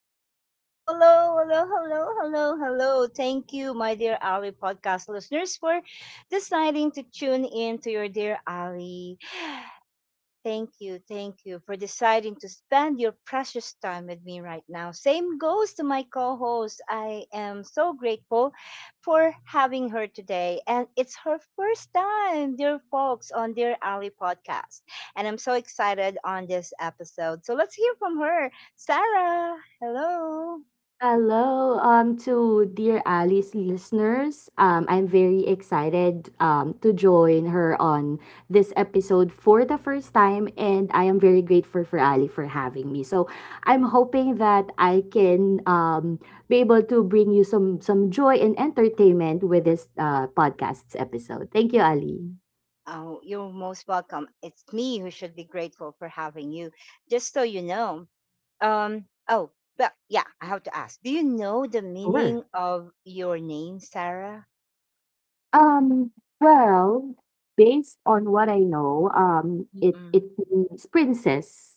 Ali saying hello, hello, hello, hello, hello. Thank you, my dear Ali podcast listeners, for deciding to tune in to your dear Ali. Thank you for deciding to spend your precious time with me right now. Same goes to my co host. I am so grateful for having her today. And it's her first time, dear folks, on Dear Ali podcast. And I'm so excited on this episode. So let's hear from her. Sarah, hello. Hello, to dear Ali's listeners. I'm very excited to join her on this episode for the first time, and I am very grateful for Ali for having me. So I'm hoping that I can be able to bring you some joy and entertainment with this podcast's episode. Thank you, Ali. Oh, you're most welcome. It's me who should be grateful for having you. Just so you know. Oh, but yeah, I have to ask. Do you know the Sure. meaning of your name, Sarah? Um, well, based on what I know, it Mm-mm. means princess.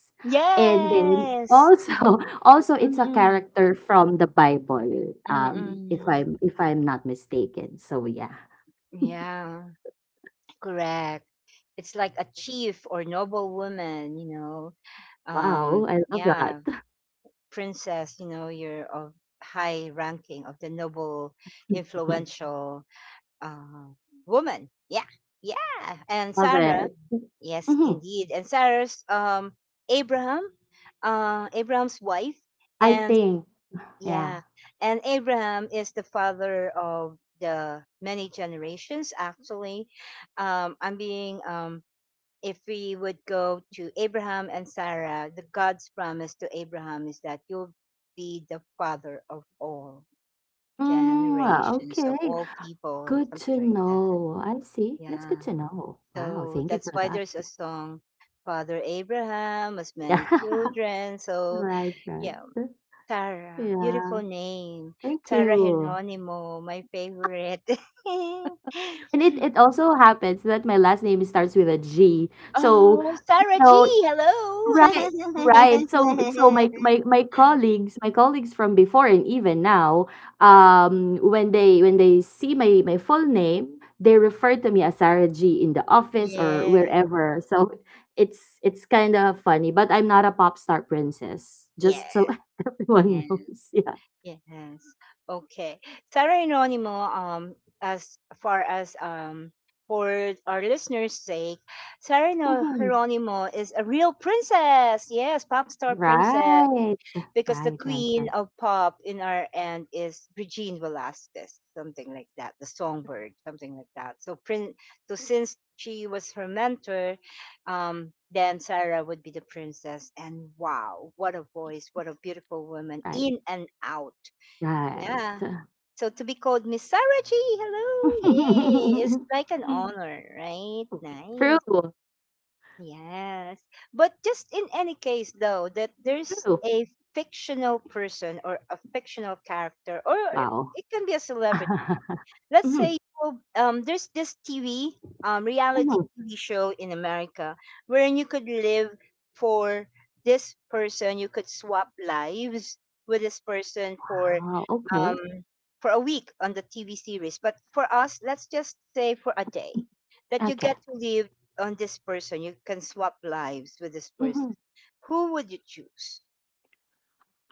And then Yes. also also it's a Mm-mm. character from the Bible, if Mm-mm. I'm if I'm not mistaken. So yeah. Yeah. Correct. It's like a chief or noble woman. You know. Wow, I love that. Yeah. Princess. You know. You're of high ranking of the noble, influential. uh, Woman. Yeah, yeah. And Love Sarah, it. yes, Hmm indeed. And Sarah's Abraham, Abraham's wife, I and think, yeah. yeah, and Abraham is the father of the many generations. Actually, I'm being if we would go to Abraham and Sarah, the God's promise to Abraham is that you'll be the father of all Mm, generations of okay. all people, Good to something like that. know. I see. That's good Yeah. to know. Wow, So thank you that's for why that. there's a song, Father Abraham has many Yeah. children. So Right, right. yeah, Sarah, Yeah. beautiful name. Thank Sarah you. Heronimo, my favorite. And it also happens that my last name starts with a G. So, Oh, you Sarah G, know, right, right. So so hello. my my my colleagues, my colleagues from before and even now, when they see my my full name, they refer to me as Sarah G in the office or Yeah. wherever. So it's kind of funny, but I'm not a pop star princess. Yeah. Just so everyone Yeah. knows. Yeah. Yes. Okay. Sarah and Ronimo, as far as for our listeners' sake, Sarah Mhm. Geronimo is a real princess. Yes, pop star princess. Right. Because the Right, right, queen right, of pop in our end is Regine Velasquez, something like that. The songbird, something like that. So since she was her mentor, then Sarah would be the princess. And wow, what a voice, what a beautiful woman right. in and out, Right. yeah. So to be called Miss Sarah G, hello, yay, it's like an honor, right? Nice. True, Yes. But just in any case though, that there's true. a fictional person or a fictional character or, Wow. it can be a celebrity, let's Mhm, say, there's this TV, reality mhm. TV show in America wherein you could live for this person. You could swap lives with this person Wow, um, okay. for a week on the TV series. But for us, let's just say for a day that you Okay. get to live on this person. You can swap lives with this person. Mhm. Who would you choose?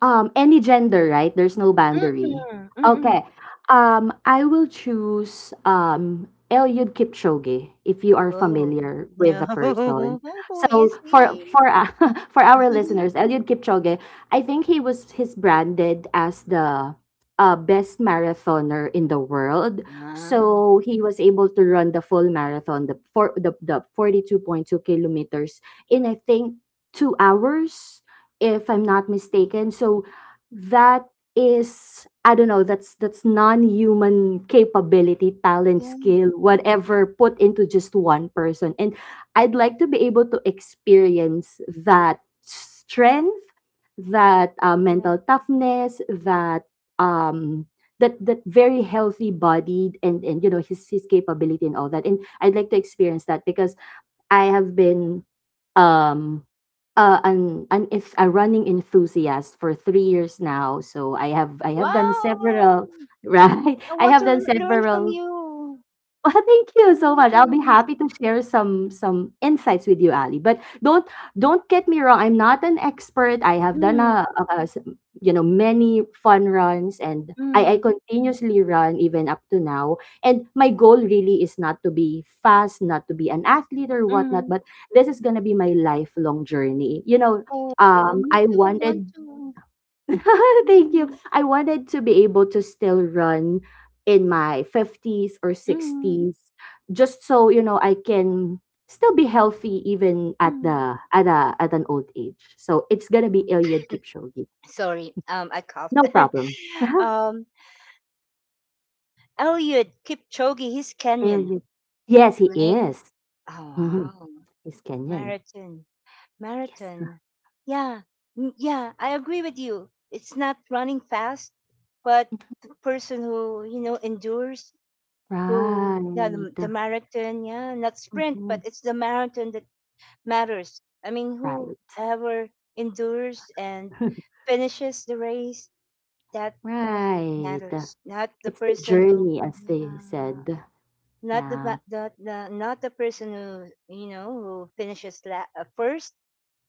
Any gender, right? There's no boundary. Mm-mm, mm-mm. Okay. I will choose Eliud Kipchoge if you are Oh familiar with the no! person. Who So is for he? For our listeners, Eliud Kipchoge, I think he's branded as the best marathoner in the world. Ah. So he was able to run the full marathon, the forty two point two kilometers in I think 2 hours if I'm not Yeah. mistaken. So that is I don't know, that's non-human capability, talent, Yeah, skill, whatever put into just one person. And I'd like to be able to experience that strength, that yeah. mental toughness, um that very healthy bodied and you know his capability and all that. And I'd like to experience that because I have been um an if a running enthusiast for 3 years now. So I have done Wow! several right. I I want have to done learn from several you. Well, thank you so much. I'll be Yes. happy to share some insights with you, Ali. But don't get me wrong. I'm not an expert. I have done Mm, you know many fun runs, and I mm, continuously run even up to now. And my goal really is not to be fast, not to be an athlete or whatnot. mm. But this is gonna be my lifelong journey. You know, Oh, me I too. I want wanted to. Thank you. Mm, I wanted to be able to still run in my 50s or mm, 60s just so, you know, I can still be healthy even at mm. the at a at an old age. So it's going to be Eliud Kipchoge. Sorry, I coughed. No problem. um, Eliud Kipchoge, he's Kenyan, Eliud. Yes, he right? is. Oh Mhm. wow, He's Kenyan. marathon. Yes. Marathon. Yeah, mm, yeah, I agree with you. It's not running fast, but the person who, you know, endures, who, yeah, Right. the marathon, yeah, not sprint, but Mhm. it's the marathon that matters. I mean, Right. whoever endures and finishes the race, that Right. matters. Not the It's the person who, journey as they yeah, said. not the, Yeah. ma- the not the person who finishes first,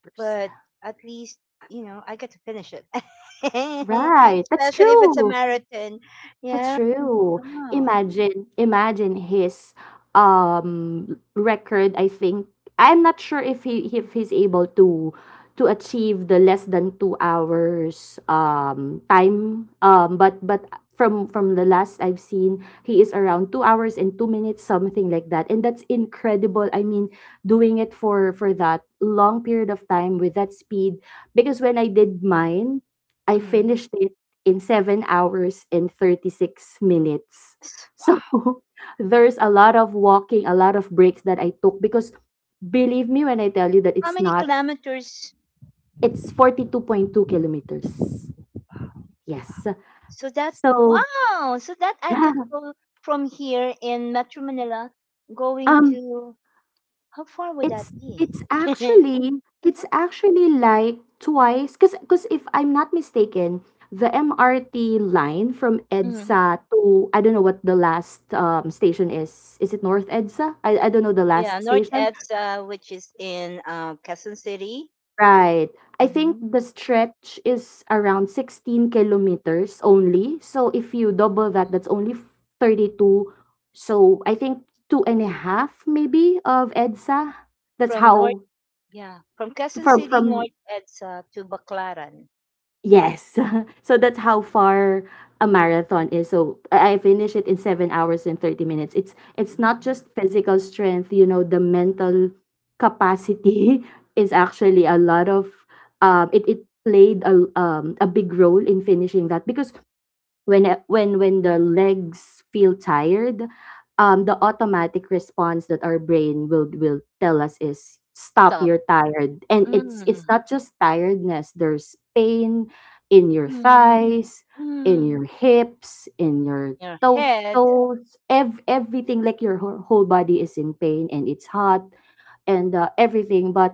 First. but at least you know I get to finish it, Right, that's especially if it's a true. marathon. That's Yeah. true. Wow. Imagine, imagine his record, I think. I'm not sure if he's able to achieve the less than 2 hours time. But From the last I've seen, he is around 2 hours and 2 minutes, something like that. And that's incredible. I mean, doing it for that long period of time with that speed. Because when I did mine, I Mm. finished it in 7 hours and 36 minutes. S- So there's a lot of walking, a lot of breaks that I took because believe me when I tell you that How it's many not, kilometers? it's 42.2 kilometers. Yes. So that, So wow. So that I could yeah. go from here in Metro Manila, going Um, to, how far would that it's be? It's actually like twice because if I'm not mistaken, the MRT line from Mhm. EDSA to I don't know what the last station is. Is it North EDSA? I don't know the Yeah, last North station. EDSA, which is in Quezon City. Right. I think Hmm. the stretch is around 16 kilometers only. So if you double that, that's only 32. So I think two and a half maybe of EDSA. That's From North, how yeah, from Quezon City, North from EDSA to Baclaran. Yes. so that's how far a marathon is. So I finish it in 7 hours and 30 minutes. It's not Mm-hmm. just physical strength, you know, the mental capacity is actually a lot of it, it played a big role in finishing that because when I- when the legs feel tired the automatic response that our brain will tell us is stop Stop. you're tired and it's Mm, not just tiredness there's pain in your mm, thighs in mm. your hips in your Your toe head. toes everything like your whole body is in pain and it's hot and everything but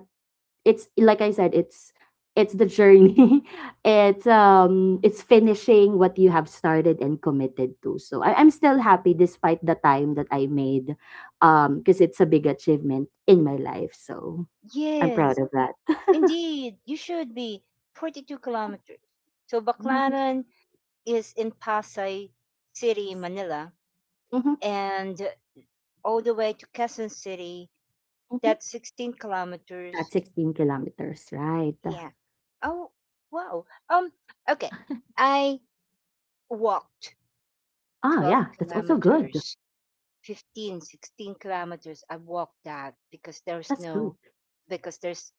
it's like I said, it's the journey. It's finishing what you have started and committed to. So I'm still happy despite the time that I made, because it's a big achievement in my life. So I'm proud Yes, of that. indeed. You should be 42 kilometers. So yes. Baclaran is in Pasay City, Manila, hmm and all the way to Quezon City. hmm That's 16 That's kilometers. 16 kilometers, right? Yeah. Oh, wow. Okay. I walked Ah, 12 yeah, that's also good. kilometers. 15, 16 kilometers I walked that because there's That's good. no because there's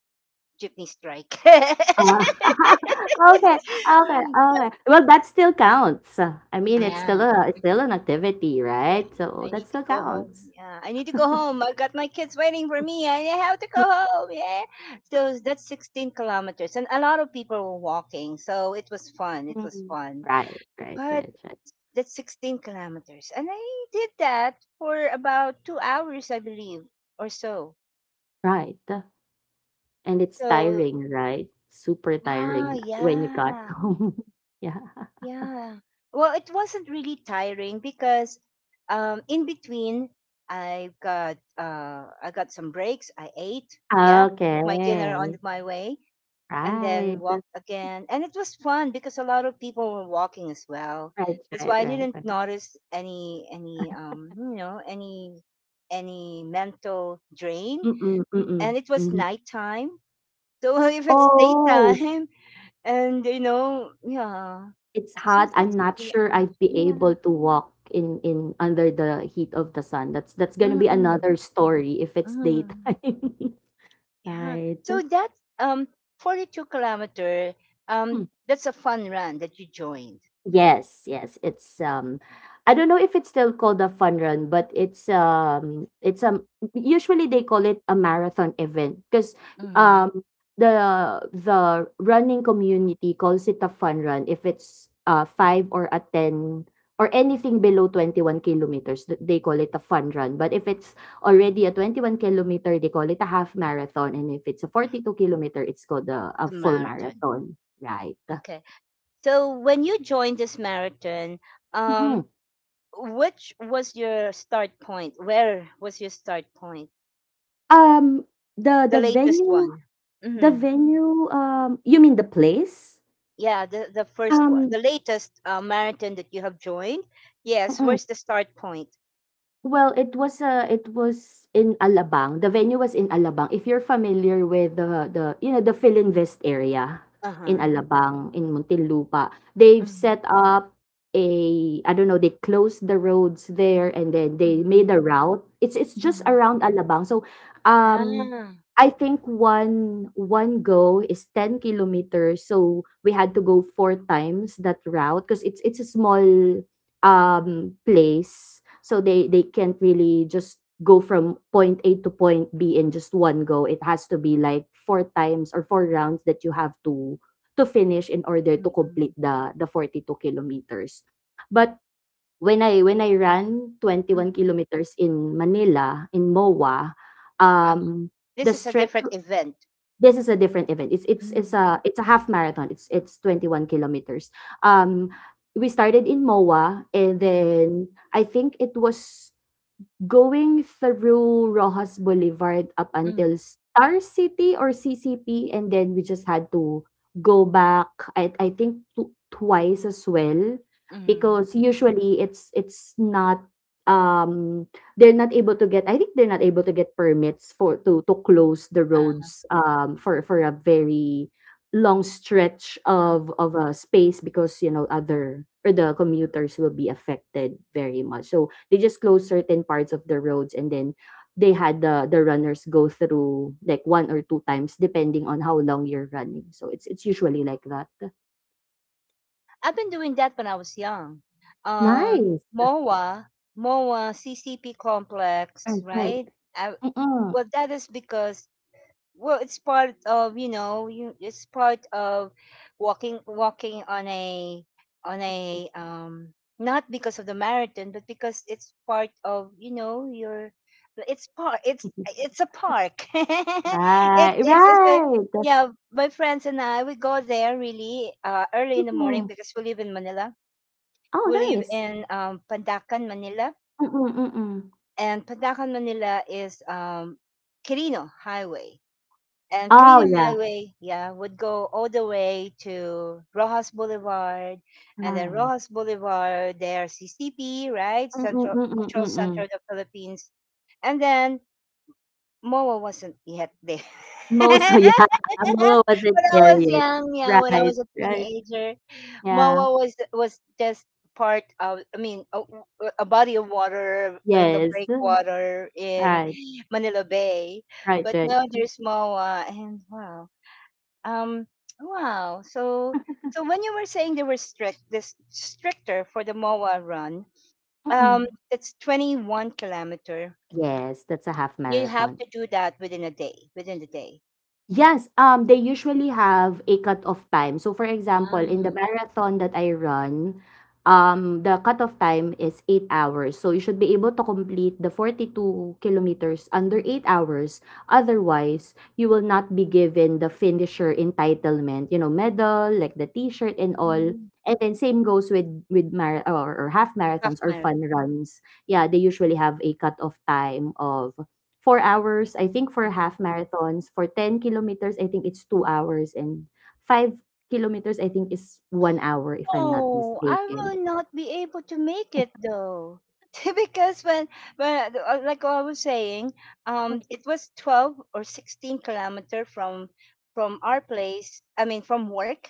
jeepney strike. Ah, okay, okay, okay. Well, that still counts. I mean, it's still Yeah, a it's still an activity, yeah, right? I So that need to still go home. counts. Yeah, I need to go home. I got my kids waiting for me. I have to go home. Yeah. So that's 16 kilometers, and a lot of people were walking, so it was fun, it was Mhm. fun. Right, right, But right, right, that's 16 kilometers, and I did that for about 2 hours, I believe, or so. right. And it's so tiring, right? Super Ah, tiring when you got yeah, home. yeah. yeah. Well, it wasn't really tiring because, in between, I got some breaks. I ate, yeah, took my dinner Okay. on my way, and then Right. walked again. And it was fun because a lot of people were walking as well. Right, That's right, why I right, didn't right. notice any mental drain. Mm-mm, mm-mm, And it was mm-mm. nighttime, so if it's Oh, daytime. And, you know, yeah. it's So hot, I'm that's not 3 sure hours. I'd be Yeah. able to walk in under the heat of the sun. That's gonna be Mm, another story if it's mm. daytime. Yeah. Right. So that, um, 42 kilometer, um, that's a fun run that you joined. Yes, yes. It's I don't know if it's still called a fun run, but it's usually they call it a marathon event because Mhm. um the the running community calls it a fun run if it's five or a ten or anything below 21 kilometers they call it a fun run but if it's already a 21-kilometer they call it a half marathon and if it's a 42-kilometer it's called a, It's a a full marathon. marathon right. Okay. So when you joined this marathon, um, which was your start point? Where was your start point? Um, the The the latest venue one. the Mhm. venue, you mean the place? Yeah, the first one. Um, The latest, marathon that you have joined. Yes, mm. where's the start point? Well, it was in Alabang. The venue was in Alabang. If you're familiar with the you know the Philinvest area in Uh-huh. Alabang in Muntinlupa, they've Mhm. set up a I don't know. They closed the roads there and then they made Mhm, a route. It's just mhm. around Alabang. So, um, Ah. I think one go is 10 kilometers. So we had to go four times that route because it's a small place so they can't really just go from point A to point B in just one go. It has to be like four times or four rounds that you have to finish in order to Mm, complete the 42 kilometers. But when I ran 21 mhm. kilometers in Manila in MOA, Ah. um the This is a stretch different event. this is a different event. It's it's it's Mm, a it's a half marathon. It's 21 kilometers. Um we started in MOA and mhm, then I think it was going through Rojas Boulevard up until mm. Star City or CCP, and then we just had to go back. I think twice as well, Mhm. because usually it's not um they're not able to get. I think they're not able to get permits for to close the Uh-huh. roads for a very long stretch of a space because you know other or the commuters will be affected very much. So they just closed certain parts of the roads and then they had the runners go through like one or two times depending on how long you're running. So it's usually like that. I've been doing that when I was young. Um, Nice. MOA, MOA, CCP complex, Right, right. right? I, Mm-mm. well, that is because, well, it's part of, you know, you, it's part of walking on a not because of the marathon, but because it's part of, you know, your, it's part, it's it's a park. it, Right, it's a right. Yeah, my friends and I we go there really, early in the morning Mm-mm. because we live in Manila. Oh, We live nice. in, Pandacan, Manila, Mm-mm, mm-mm. and Pandacan, Manila is, Quirino Highway, and Oh, Carino yeah. Highway, yeah, would go all the way to Rojas Boulevard, and then Right. Rojas Boulevard, there's CCP, right? Mm-mm, Central mm-mm, Cultural Center mm-mm. of the Philippines, and then MOA wasn't yet there. Mo, so When yeah, Mo wasn't I there was yet. young, yeah, when I Right, was a right. teenager, Yeah. MOA was just part of, I mean, a body of water in the Yes. breakwater in Right, Manila Bay, right, but right. now there's MOA, and wow, um, wow. So when you were saying they were strict, this stricter for the MOA run, Mm-mm. it's 21 kilometer. Yes, that's a half You have marathon. to do that within a day, within the day. Yes, they usually have a cut-off time. So, for example, in the Um, marathon that I run, the cut-off time is 8 hours. So, you should be able to complete the 42 kilometers under 8 hours. Otherwise, you will not be given the finisher entitlement, you know, medal, like the t-shirt and all. And then same goes with mar or half Half marathons or fun marathon. runs. Yeah, they usually have a cut-off time of 4 hours, I think, for half um, marathons. For 10 kilometers, I think it's 2 hours. And 5 kilometers, I think, is 1 hour, if I'm not Oh, I mistaken. will not be able to make it though. Because when, like I was saying, it was 12 or 16-kilometer from our place, I mean from work,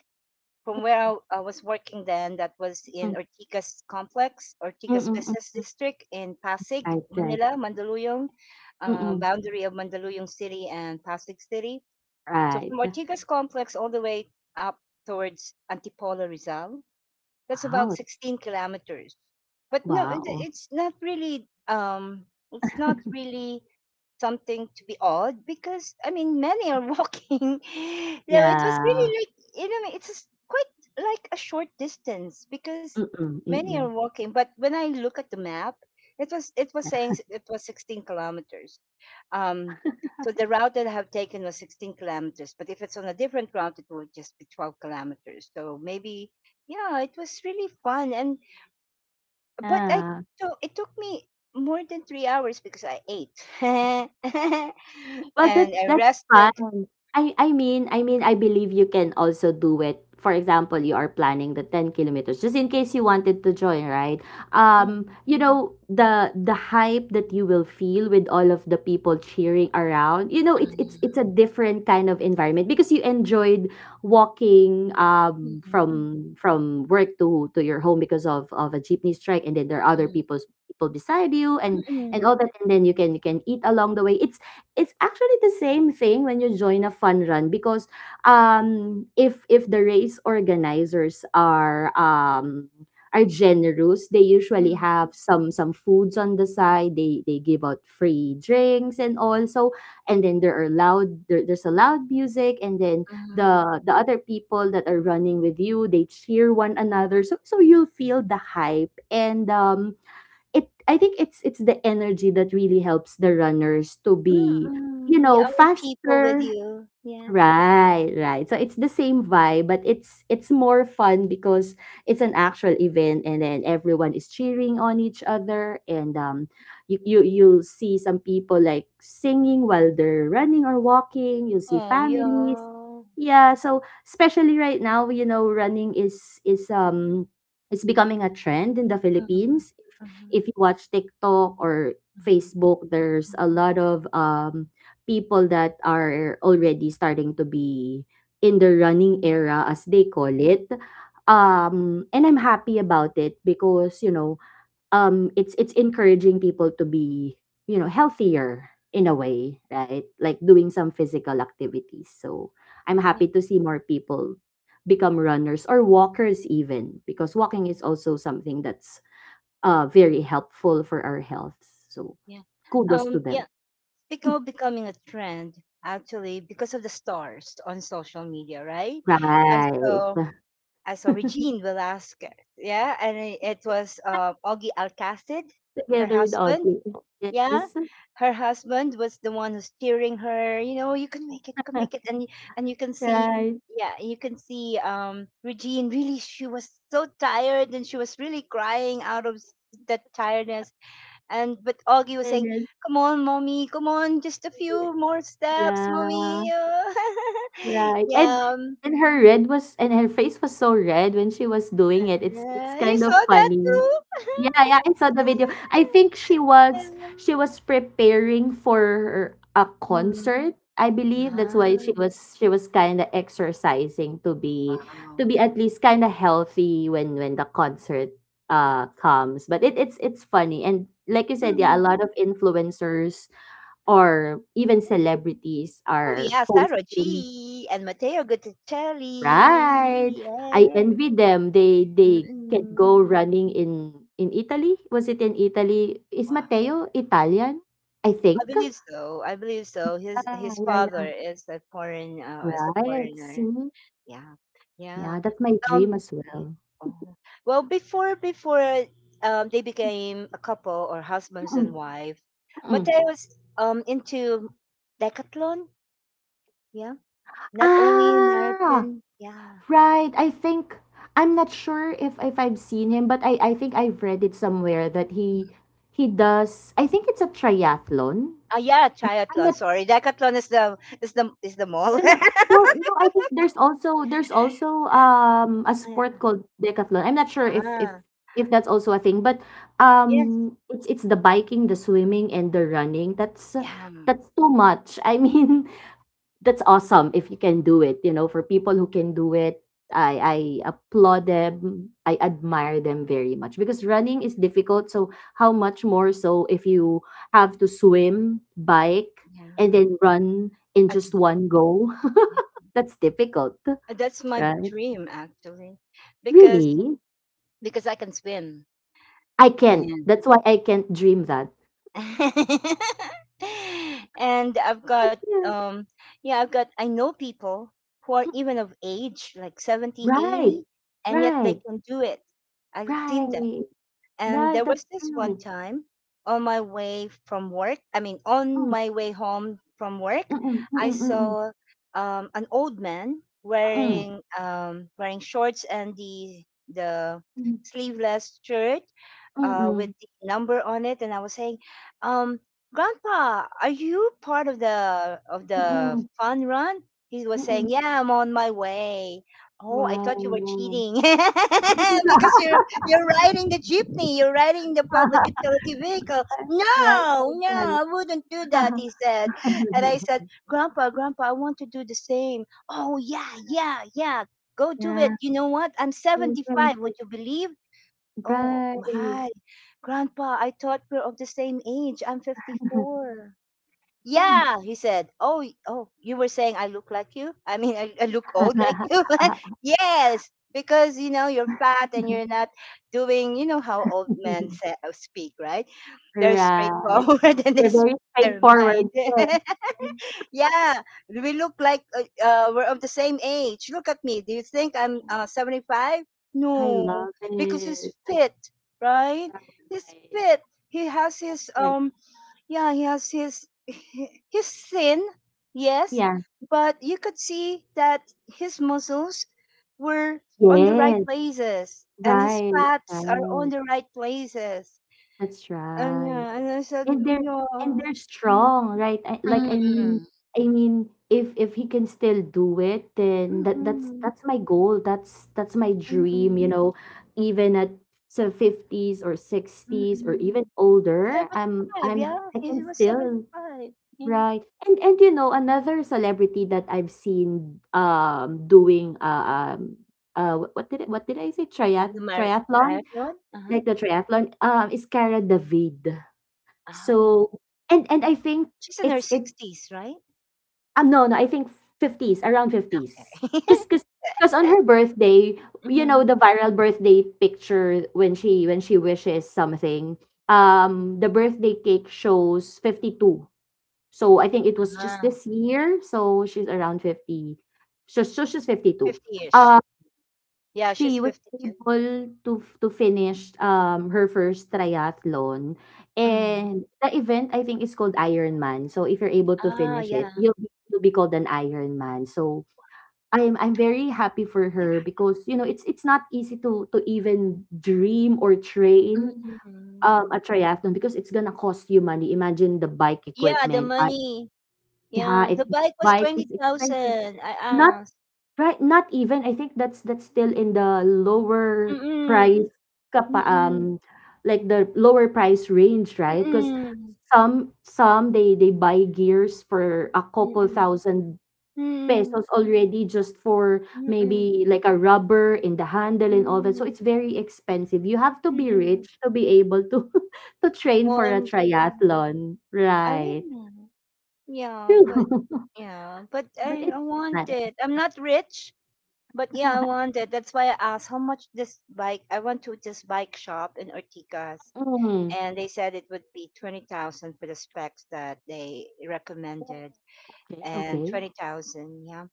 from where I was working then, that was in Mm, Ortigas Complex, mm, Ortigas mm, mm. Business mm. District in Pasig, Right, right. Manila, Mandaluyong, Mm-mm. boundary of Mandaluyong City and Pasig City. So Right. from Ortigas Complex all the way up towards Antipolo Rizal. That's Wow. about that's- 16 kilometers. But no, Wow. it's not really it's not really something to be odd because, I mean, many are walking. So it was really Yeah. like, you know, it's just quite like a short distance because Mm-mm, many are mm-mm. walking. But when I look at the map, it was saying, it was 16 kilometers. Um so the route that I have taken was 16 kilometers, but if it's on a different route, it would just be 12 kilometers. So maybe, yeah, it was really fun, and, but I Yeah. so it took me more than 3 hours because I ate and But I that's rested. fine. I mean I believe you can also do it. For example, you are planning the 10 kilometers just in case you wanted to join, right? Um, Mm. you know, the the hype that you will feel with all of the people cheering around. You know, it's it's Mm-mm. it's a different kind of environment because you enjoyed walking um Mm-mm. from from work to your home because of a jeepney strike, and then there are other Mm-mm. people beside you Mm, and mm, all that, and then you can eat along the way. It's actually the same thing when you join a fun run, because if the race organizers are generous, they usually have some foods on the side. They give out free drinks and all, so. And then there are there's a loud music, and then the mm, the other people that are running with you, they cheer one another, so you'll feel the hype. And it I think it's the energy that really helps the runners to be, you mm, the know, other people with faster. you, yeah. Right, right. So it's the same vibe, but it's more fun because it's an actual event, and then everyone is cheering on each other, and you'll see some people like singing while they're running or walking. You'll see Oh, families, yeah. yeah. So especially right now, running is it's becoming a trend in the Mhm, Philippines. If mhm, you watch TikTok or mhm, Facebook, there's a mhm, lot of people that are already starting to be in the running era, as mhm. they call it. And I'm happy about it, because it's encouraging people to be healthier in a way, right, like doing some physical activities. So I'm Yeah, happy to see more people become runners or walkers, even, because walking is also something that's very helpful for our health. So yeah. kudos to Yeah. them, become Becoming a trend, actually, because of the stars on social media, right? I right. saw I saw Regine Velasquez, yeah, and, it was, Augie Alcacid, her Together with husband, Audrey. yeah. Yes. Her husband was the one who's steering her. You know, you can make it, you can make it, and, and you can see, Right. yeah, you can see Regine. Really, she was so tired, and she was really crying out of, that tiredness, and but Augie was saying, Yes. "Come on, mommy, come on, just a few more steps, Yeah. mommy." Right. And Yeah, and her face was so red when she was doing it. It's you kind of saw that funny. too. Yeah, yeah, I saw the video. I think she was preparing for a Mm. concert. I believe that's why she Wow. was she was kind of exercising to be at least kind of healthy when the concert comes. But it's funny, and like you said, yeah, a lot of Mm. influencers or even celebrities Oh are yeah, Sarah posting. G and Matteo Gutticelli. Right. I Yeah. envy them. They can Mm-mm. go running in Italy. Was it in Italy? Is Wow. Matteo Italian? I I think. believe so. I believe so. His Yeah, his yeah, father yeah. is a Right. foreigner. See? Yeah. Yeah. Yeah, that's my Um dream as yeah. well. Oh. Well, before they became a couple or husbands Mm-mm, and wife, mm-mm. Mateo was into decathlon, yeah. Not only Ah, marathon, yeah. right. I think I'm not sure if I've seen him, but I think I've read it somewhere that Mm. he does. I think it's a triathlon. Ah, yeah, I'm triathlon. not Sorry. Decathlon is the mall. No, no, no, no, I think there's also, a Ah, sport called decathlon. I'm not sure if if ah, if that's also a thing, but, yes. um, it's the biking, the swimming, and the running. That's Yeah. that's too much. I mean, that's awesome if you can do it for people who can do it. I applaud them. I admire them very much, because running is difficult. So how much more so if you have to swim, bike, and Yeah. then run in just Again. one go. Yeah. That's difficult, That's my right? dream actually because Really, I can swim. I can't. That's why I can't dream that. And I've But got yeah. I know people who are Mm. even of age like 70, Right, 80, and yet they right, can do it. I've seen, right, and right. there That's was this one true. time on my way from work, I mean, on Mm, my way home from work, mm-mm, I mm-mm, saw an old man mm-mm, wearing wearing shorts and the mm-mm. sleeveless shirt with Mm, the number on it, and I was saying, um, "Grandpa, are you part of the mm, fun run?" He was mm. saying, "Yeah, I'm on my way." Oh, I Wow, thought you were wow. cheating because you you're riding the jeepney. You're riding the public utility vehicle. No, Right, right, no, right. I wouldn't do that, he said. And I said, Grandpa, Grandpa, I want to do the same. Oh, yeah, yeah, yeah. Go do Yeah, it. You know what? I'm right, right, 75. right. Would you believe? Oh, Right. my. Grandpa, I thought we're of the same age. I'm 54. And Yeah, he said, "Oh, oh, you were saying I look like you? I mean, I look old like you?" Yes, because you know you're fat and you're not doing. You know how old men say, speak, right? They're Right. straightforward and they They're very speak their straightforward. mind. Yes. Mhm. Yeah, we look like we're of the same age. Look at me. Do you think I'm 75? I No, love because it. he's That's fit, right? He's right. fit. He has his Like, yeah, he has his he- he's thin, yes, yeah. but you could see that his muscles were on the right Yes. places and his Right. fats are on Right. the right places. That's And right. yeah, and I said, and they're yeah, and they're mm, strong, right. Like, i mean Mm. i mean if he can still do it, then that that's Mm-mm, that's my goal. That's my dream, you mm-mm, know, even at 50s or 60s or even mm-mm. older. i'm 75, i'm yeah, i can he was still. 75. Yeah, Right. And another celebrity that I've seen doing what did I say, the mar- triathlon, triathlon. Uh-huh. like the triathlon, is Cara David. Oh, So and I think she's in her it's it 60s, right? No, no, I think 50s, around 50s, Okay. because on her birthday, you know, Mhm. the viral birthday picture, when she wishes something, the birthday cake shows 52. So I think it was just Ah. this year, so she's around 50, so she's 52. 50-ish. Uh, Yeah, she's She was 52. able to f to finish, her first triathlon, Mm. and the event, I think, is called Ironman. So if you're able to Ah, finish it, yeah. you'll be, you'll be called an Ironman. So I'm very happy for Yeah. her, because, it's not easy to even dream or train, Mm. um, a triathlon, because it's gonna cost you money. Imagine the bike Yeah, the equipment, money. Yeah, yeah, the it, bike was bike is expensive. 20,000, I Not asked. Right, not even. I think that's still in the lower Mm-mm. price, kapa, Mm-mm. Like the lower price range, right? Because Mm-mm. some they buy gears for a couple Mm-mm. thousand Mm-mm. pesos already, just for Mm-mm. maybe like a rubber in the handle and all that. So Mm-mm. it's very expensive. You have to be Mm-mm. rich to be able to to train for a OMG. triathlon, I right? really, yeah, but yeah, but But I it's want not. it. I'm not rich. But yeah, I wanted. That's why I asked how much this bike. I went to this bike shop in Ortigas, Mm. and they said it would be 20,000 for the specs that they recommended, Okay, and okay. 20,000. Yeah,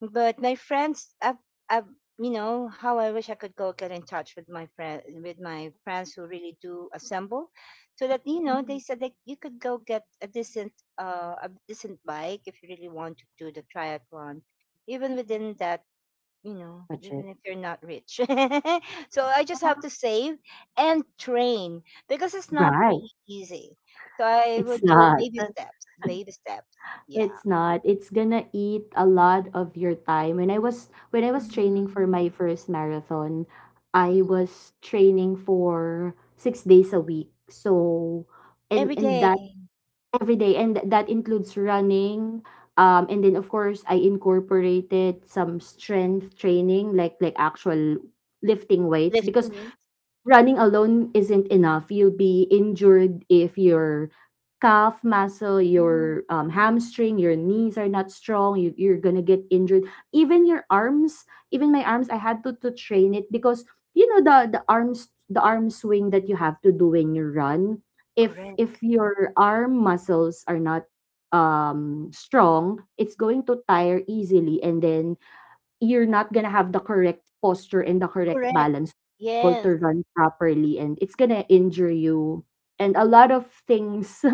but my friends, I've, you know, how I wish I could go get in touch with my friends who really do assemble, so that you know, Mm, they said that you could go get a decent bike if you really want to do the triathlon even mm. within that, Budget. even if you're not rich. So I just have Ah. to save and train because it's not Right. really easy. So I It's would do not. baby steps, baby steps. Yeah. It's not. It's gonna eat a lot of your time. When I was training Mhm. for my first marathon, I Mm. was training for 6 days a week. So and Every and day, that, every day. And that includes running. And then, of course, I incorporated some strength training, like actual lifting weights, lifting because weights. running alone isn't enough. You'll be injured if your calf muscle, your Hmm. Hamstring, your knees are not strong. You're gonna get injured. Even your arms, even my arms, I had to train it, because you know, the arms, the arm swing that you have to do when you run. If Correct. if your arm muscles are not strong, it's going to tire easily, and then you're not gonna have the correct posture and the correct Correct. balance able Yes. to run properly, and it's gonna injure you, and a lot of things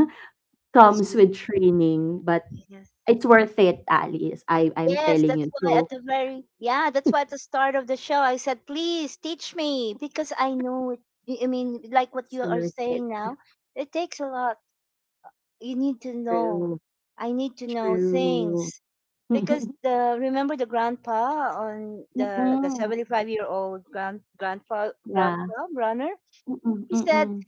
comes with Consistently. training. But Yes. it's worth it, Alice, I'm Yes, telling that's you, why at so. the very, yeah, that's why at the start of the show I said, please teach me because I know it. I mean, like what It's you are worth it. saying now, it takes a lot. You need to know. True, I need to know true. things because the, remember the grandpa, on the Mm-mm. 75-year old grand grandpa Yeah. grandpa runner. Mm-mm. He said, Mm-mm.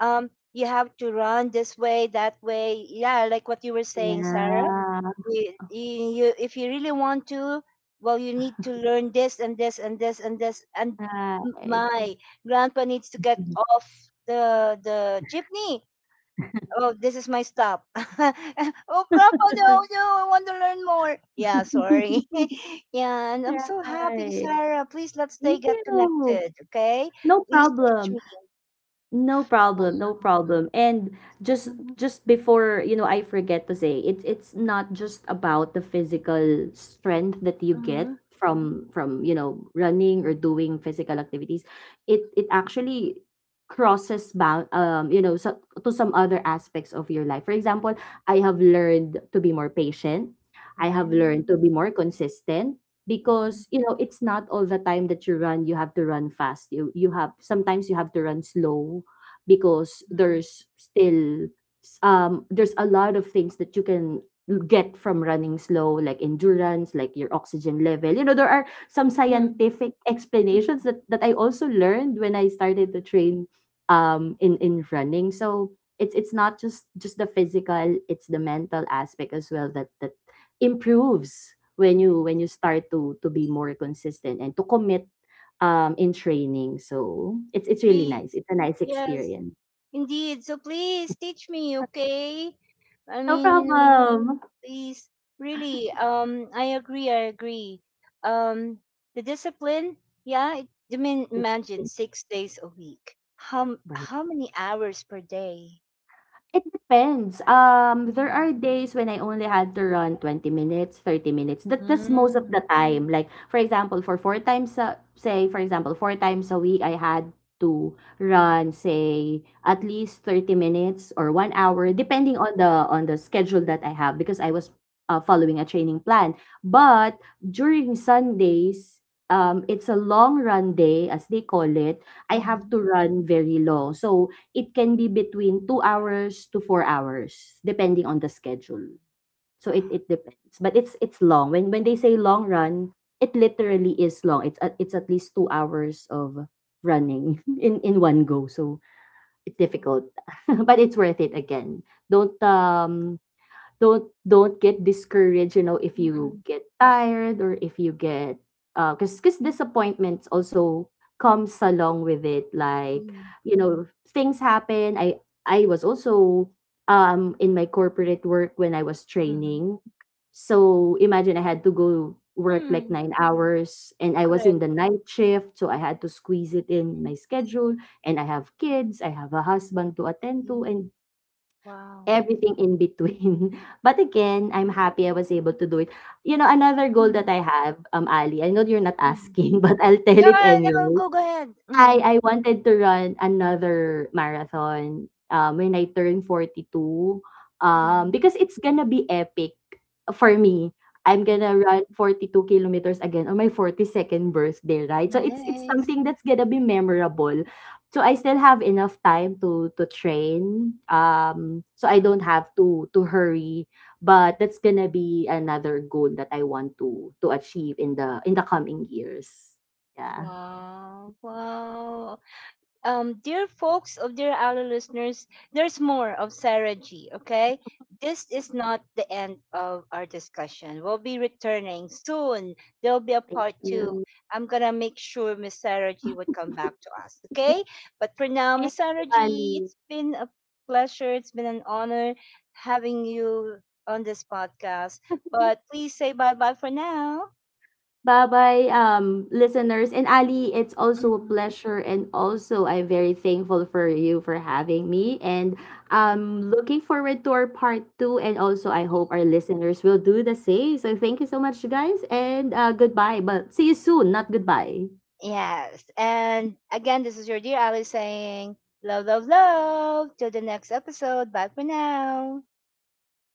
you have to run this way, that way. Yeah, like what you were saying, Sarah. Yeah. You, if you really want to, well, you need to learn this and this and this and this. And m- Right. my grandpa needs to get off the jeepney. "Oh, this is my stop." "Oh, grandpa, no, no, I want to learn more." "Yeah, sorry." Yeah, and I'm so happy, Right. Sarah. Please let's stay Thank get you. connected, okay? No Please teach problem. me. No problem, no Wow. problem. And just Mhm, just before, I forget to say, it's not just about the physical strength that you get mhm, from running or doing physical activities. It actually crosses bound, to some other aspects of your life. For example, I have learned to be more patient. I have learned to mhm, be more consistent, because it's not all the time that you run, you have to run fast. You have, sometimes you have to run slow, because there's a lot of things that you can get from running slow, like mhm, endurance, like your oxygen level. There are some mhm, scientific mhm, explanations that I also learned when I started to train in running. So it's not just the physical, it's the mental aspect as well that improves when mhm. you start to be more consistent and to commit, in training. So, it's really nice. Please. It's a nice Yes. experience. Indeed. So please teach me, okay? I No mean, you know, problem. please, really, I agree, I agree. Um, the discipline, yeah, it, I mean, That's imagine it. 6 days a week. How, how many hours per day? It depends. There Mm, are days when I only had to run 20 minutes, 30 minutes. That's most of Mm. the time. Like, for example, for four times a, say for example, four times a week I had to run, say at least 30 minutes or 1 hour, depending on the schedule that I have, because I was following a training plan. But during Sundays, it's a long run day, as they call it. I have Mm, to run very long. So it can be between 2 hours to 4 hours, depending on the schedule. So it Mm-hmm. it depends, but it's long. When they say long run, it literally is long. It's at least 2 hours of running in one go. So it's Wow. Mm-mm. difficult, but it's worth it again. Don't get discouraged, if you Mm-mm. get tired, or if you get because, disappointments also comes along with it, like, Mm. Things happen. I was also in my corporate work when I was Mm. training, so imagine, I had to go work like 9 hours, and I was Correct. in the night shift, so I had to squeeze it in my schedule, and I have kids, I have a husband to attend to, Mm. and Wow. everything in between. But again, I'm happy I was able to do it. You know, another goal that I have, Ali, I know you're not Mm-mm. asking, but I'll tell it Yeah, no, anyway. go ahead. I Mm-mm. I wanted to run another marathon, when I turn 42, because it's gonna be epic for me. I'm Mm-mm. gonna run 42 kilometers again on my 42nd birthday, right? So it's Nice. something that's gonna be memorable. So I still have enough time to train. So I Wow. don't have to hurry, but that's gonna be another goal that I want to achieve in the coming years. Yeah. Wow. Wow. Dear folks of dear our listeners, there's more of Sarah G. Okay. This is not the end of our discussion. We'll be returning soon. There'll be a Thank part two. you. I'm gonna make sure Miss Sarah G would come back to us. Okay. But for now, Thank Miss you, Sarah G, Ali. it's been a pleasure. It's been an honor having you on this podcast. But please say bye bye for now. Bye-bye, listeners. And Ali, it's also a pleasure, and also I'm very thankful for you for having me. And looking forward to our part two. And also, I Mhm. hope our listeners will do the same. So thank you so much, guys, and goodbye. But see you soon, not goodbye. Yes. And again, this is your dear Ali saying, love, love, love. Till the next episode. Bye for now. Bye.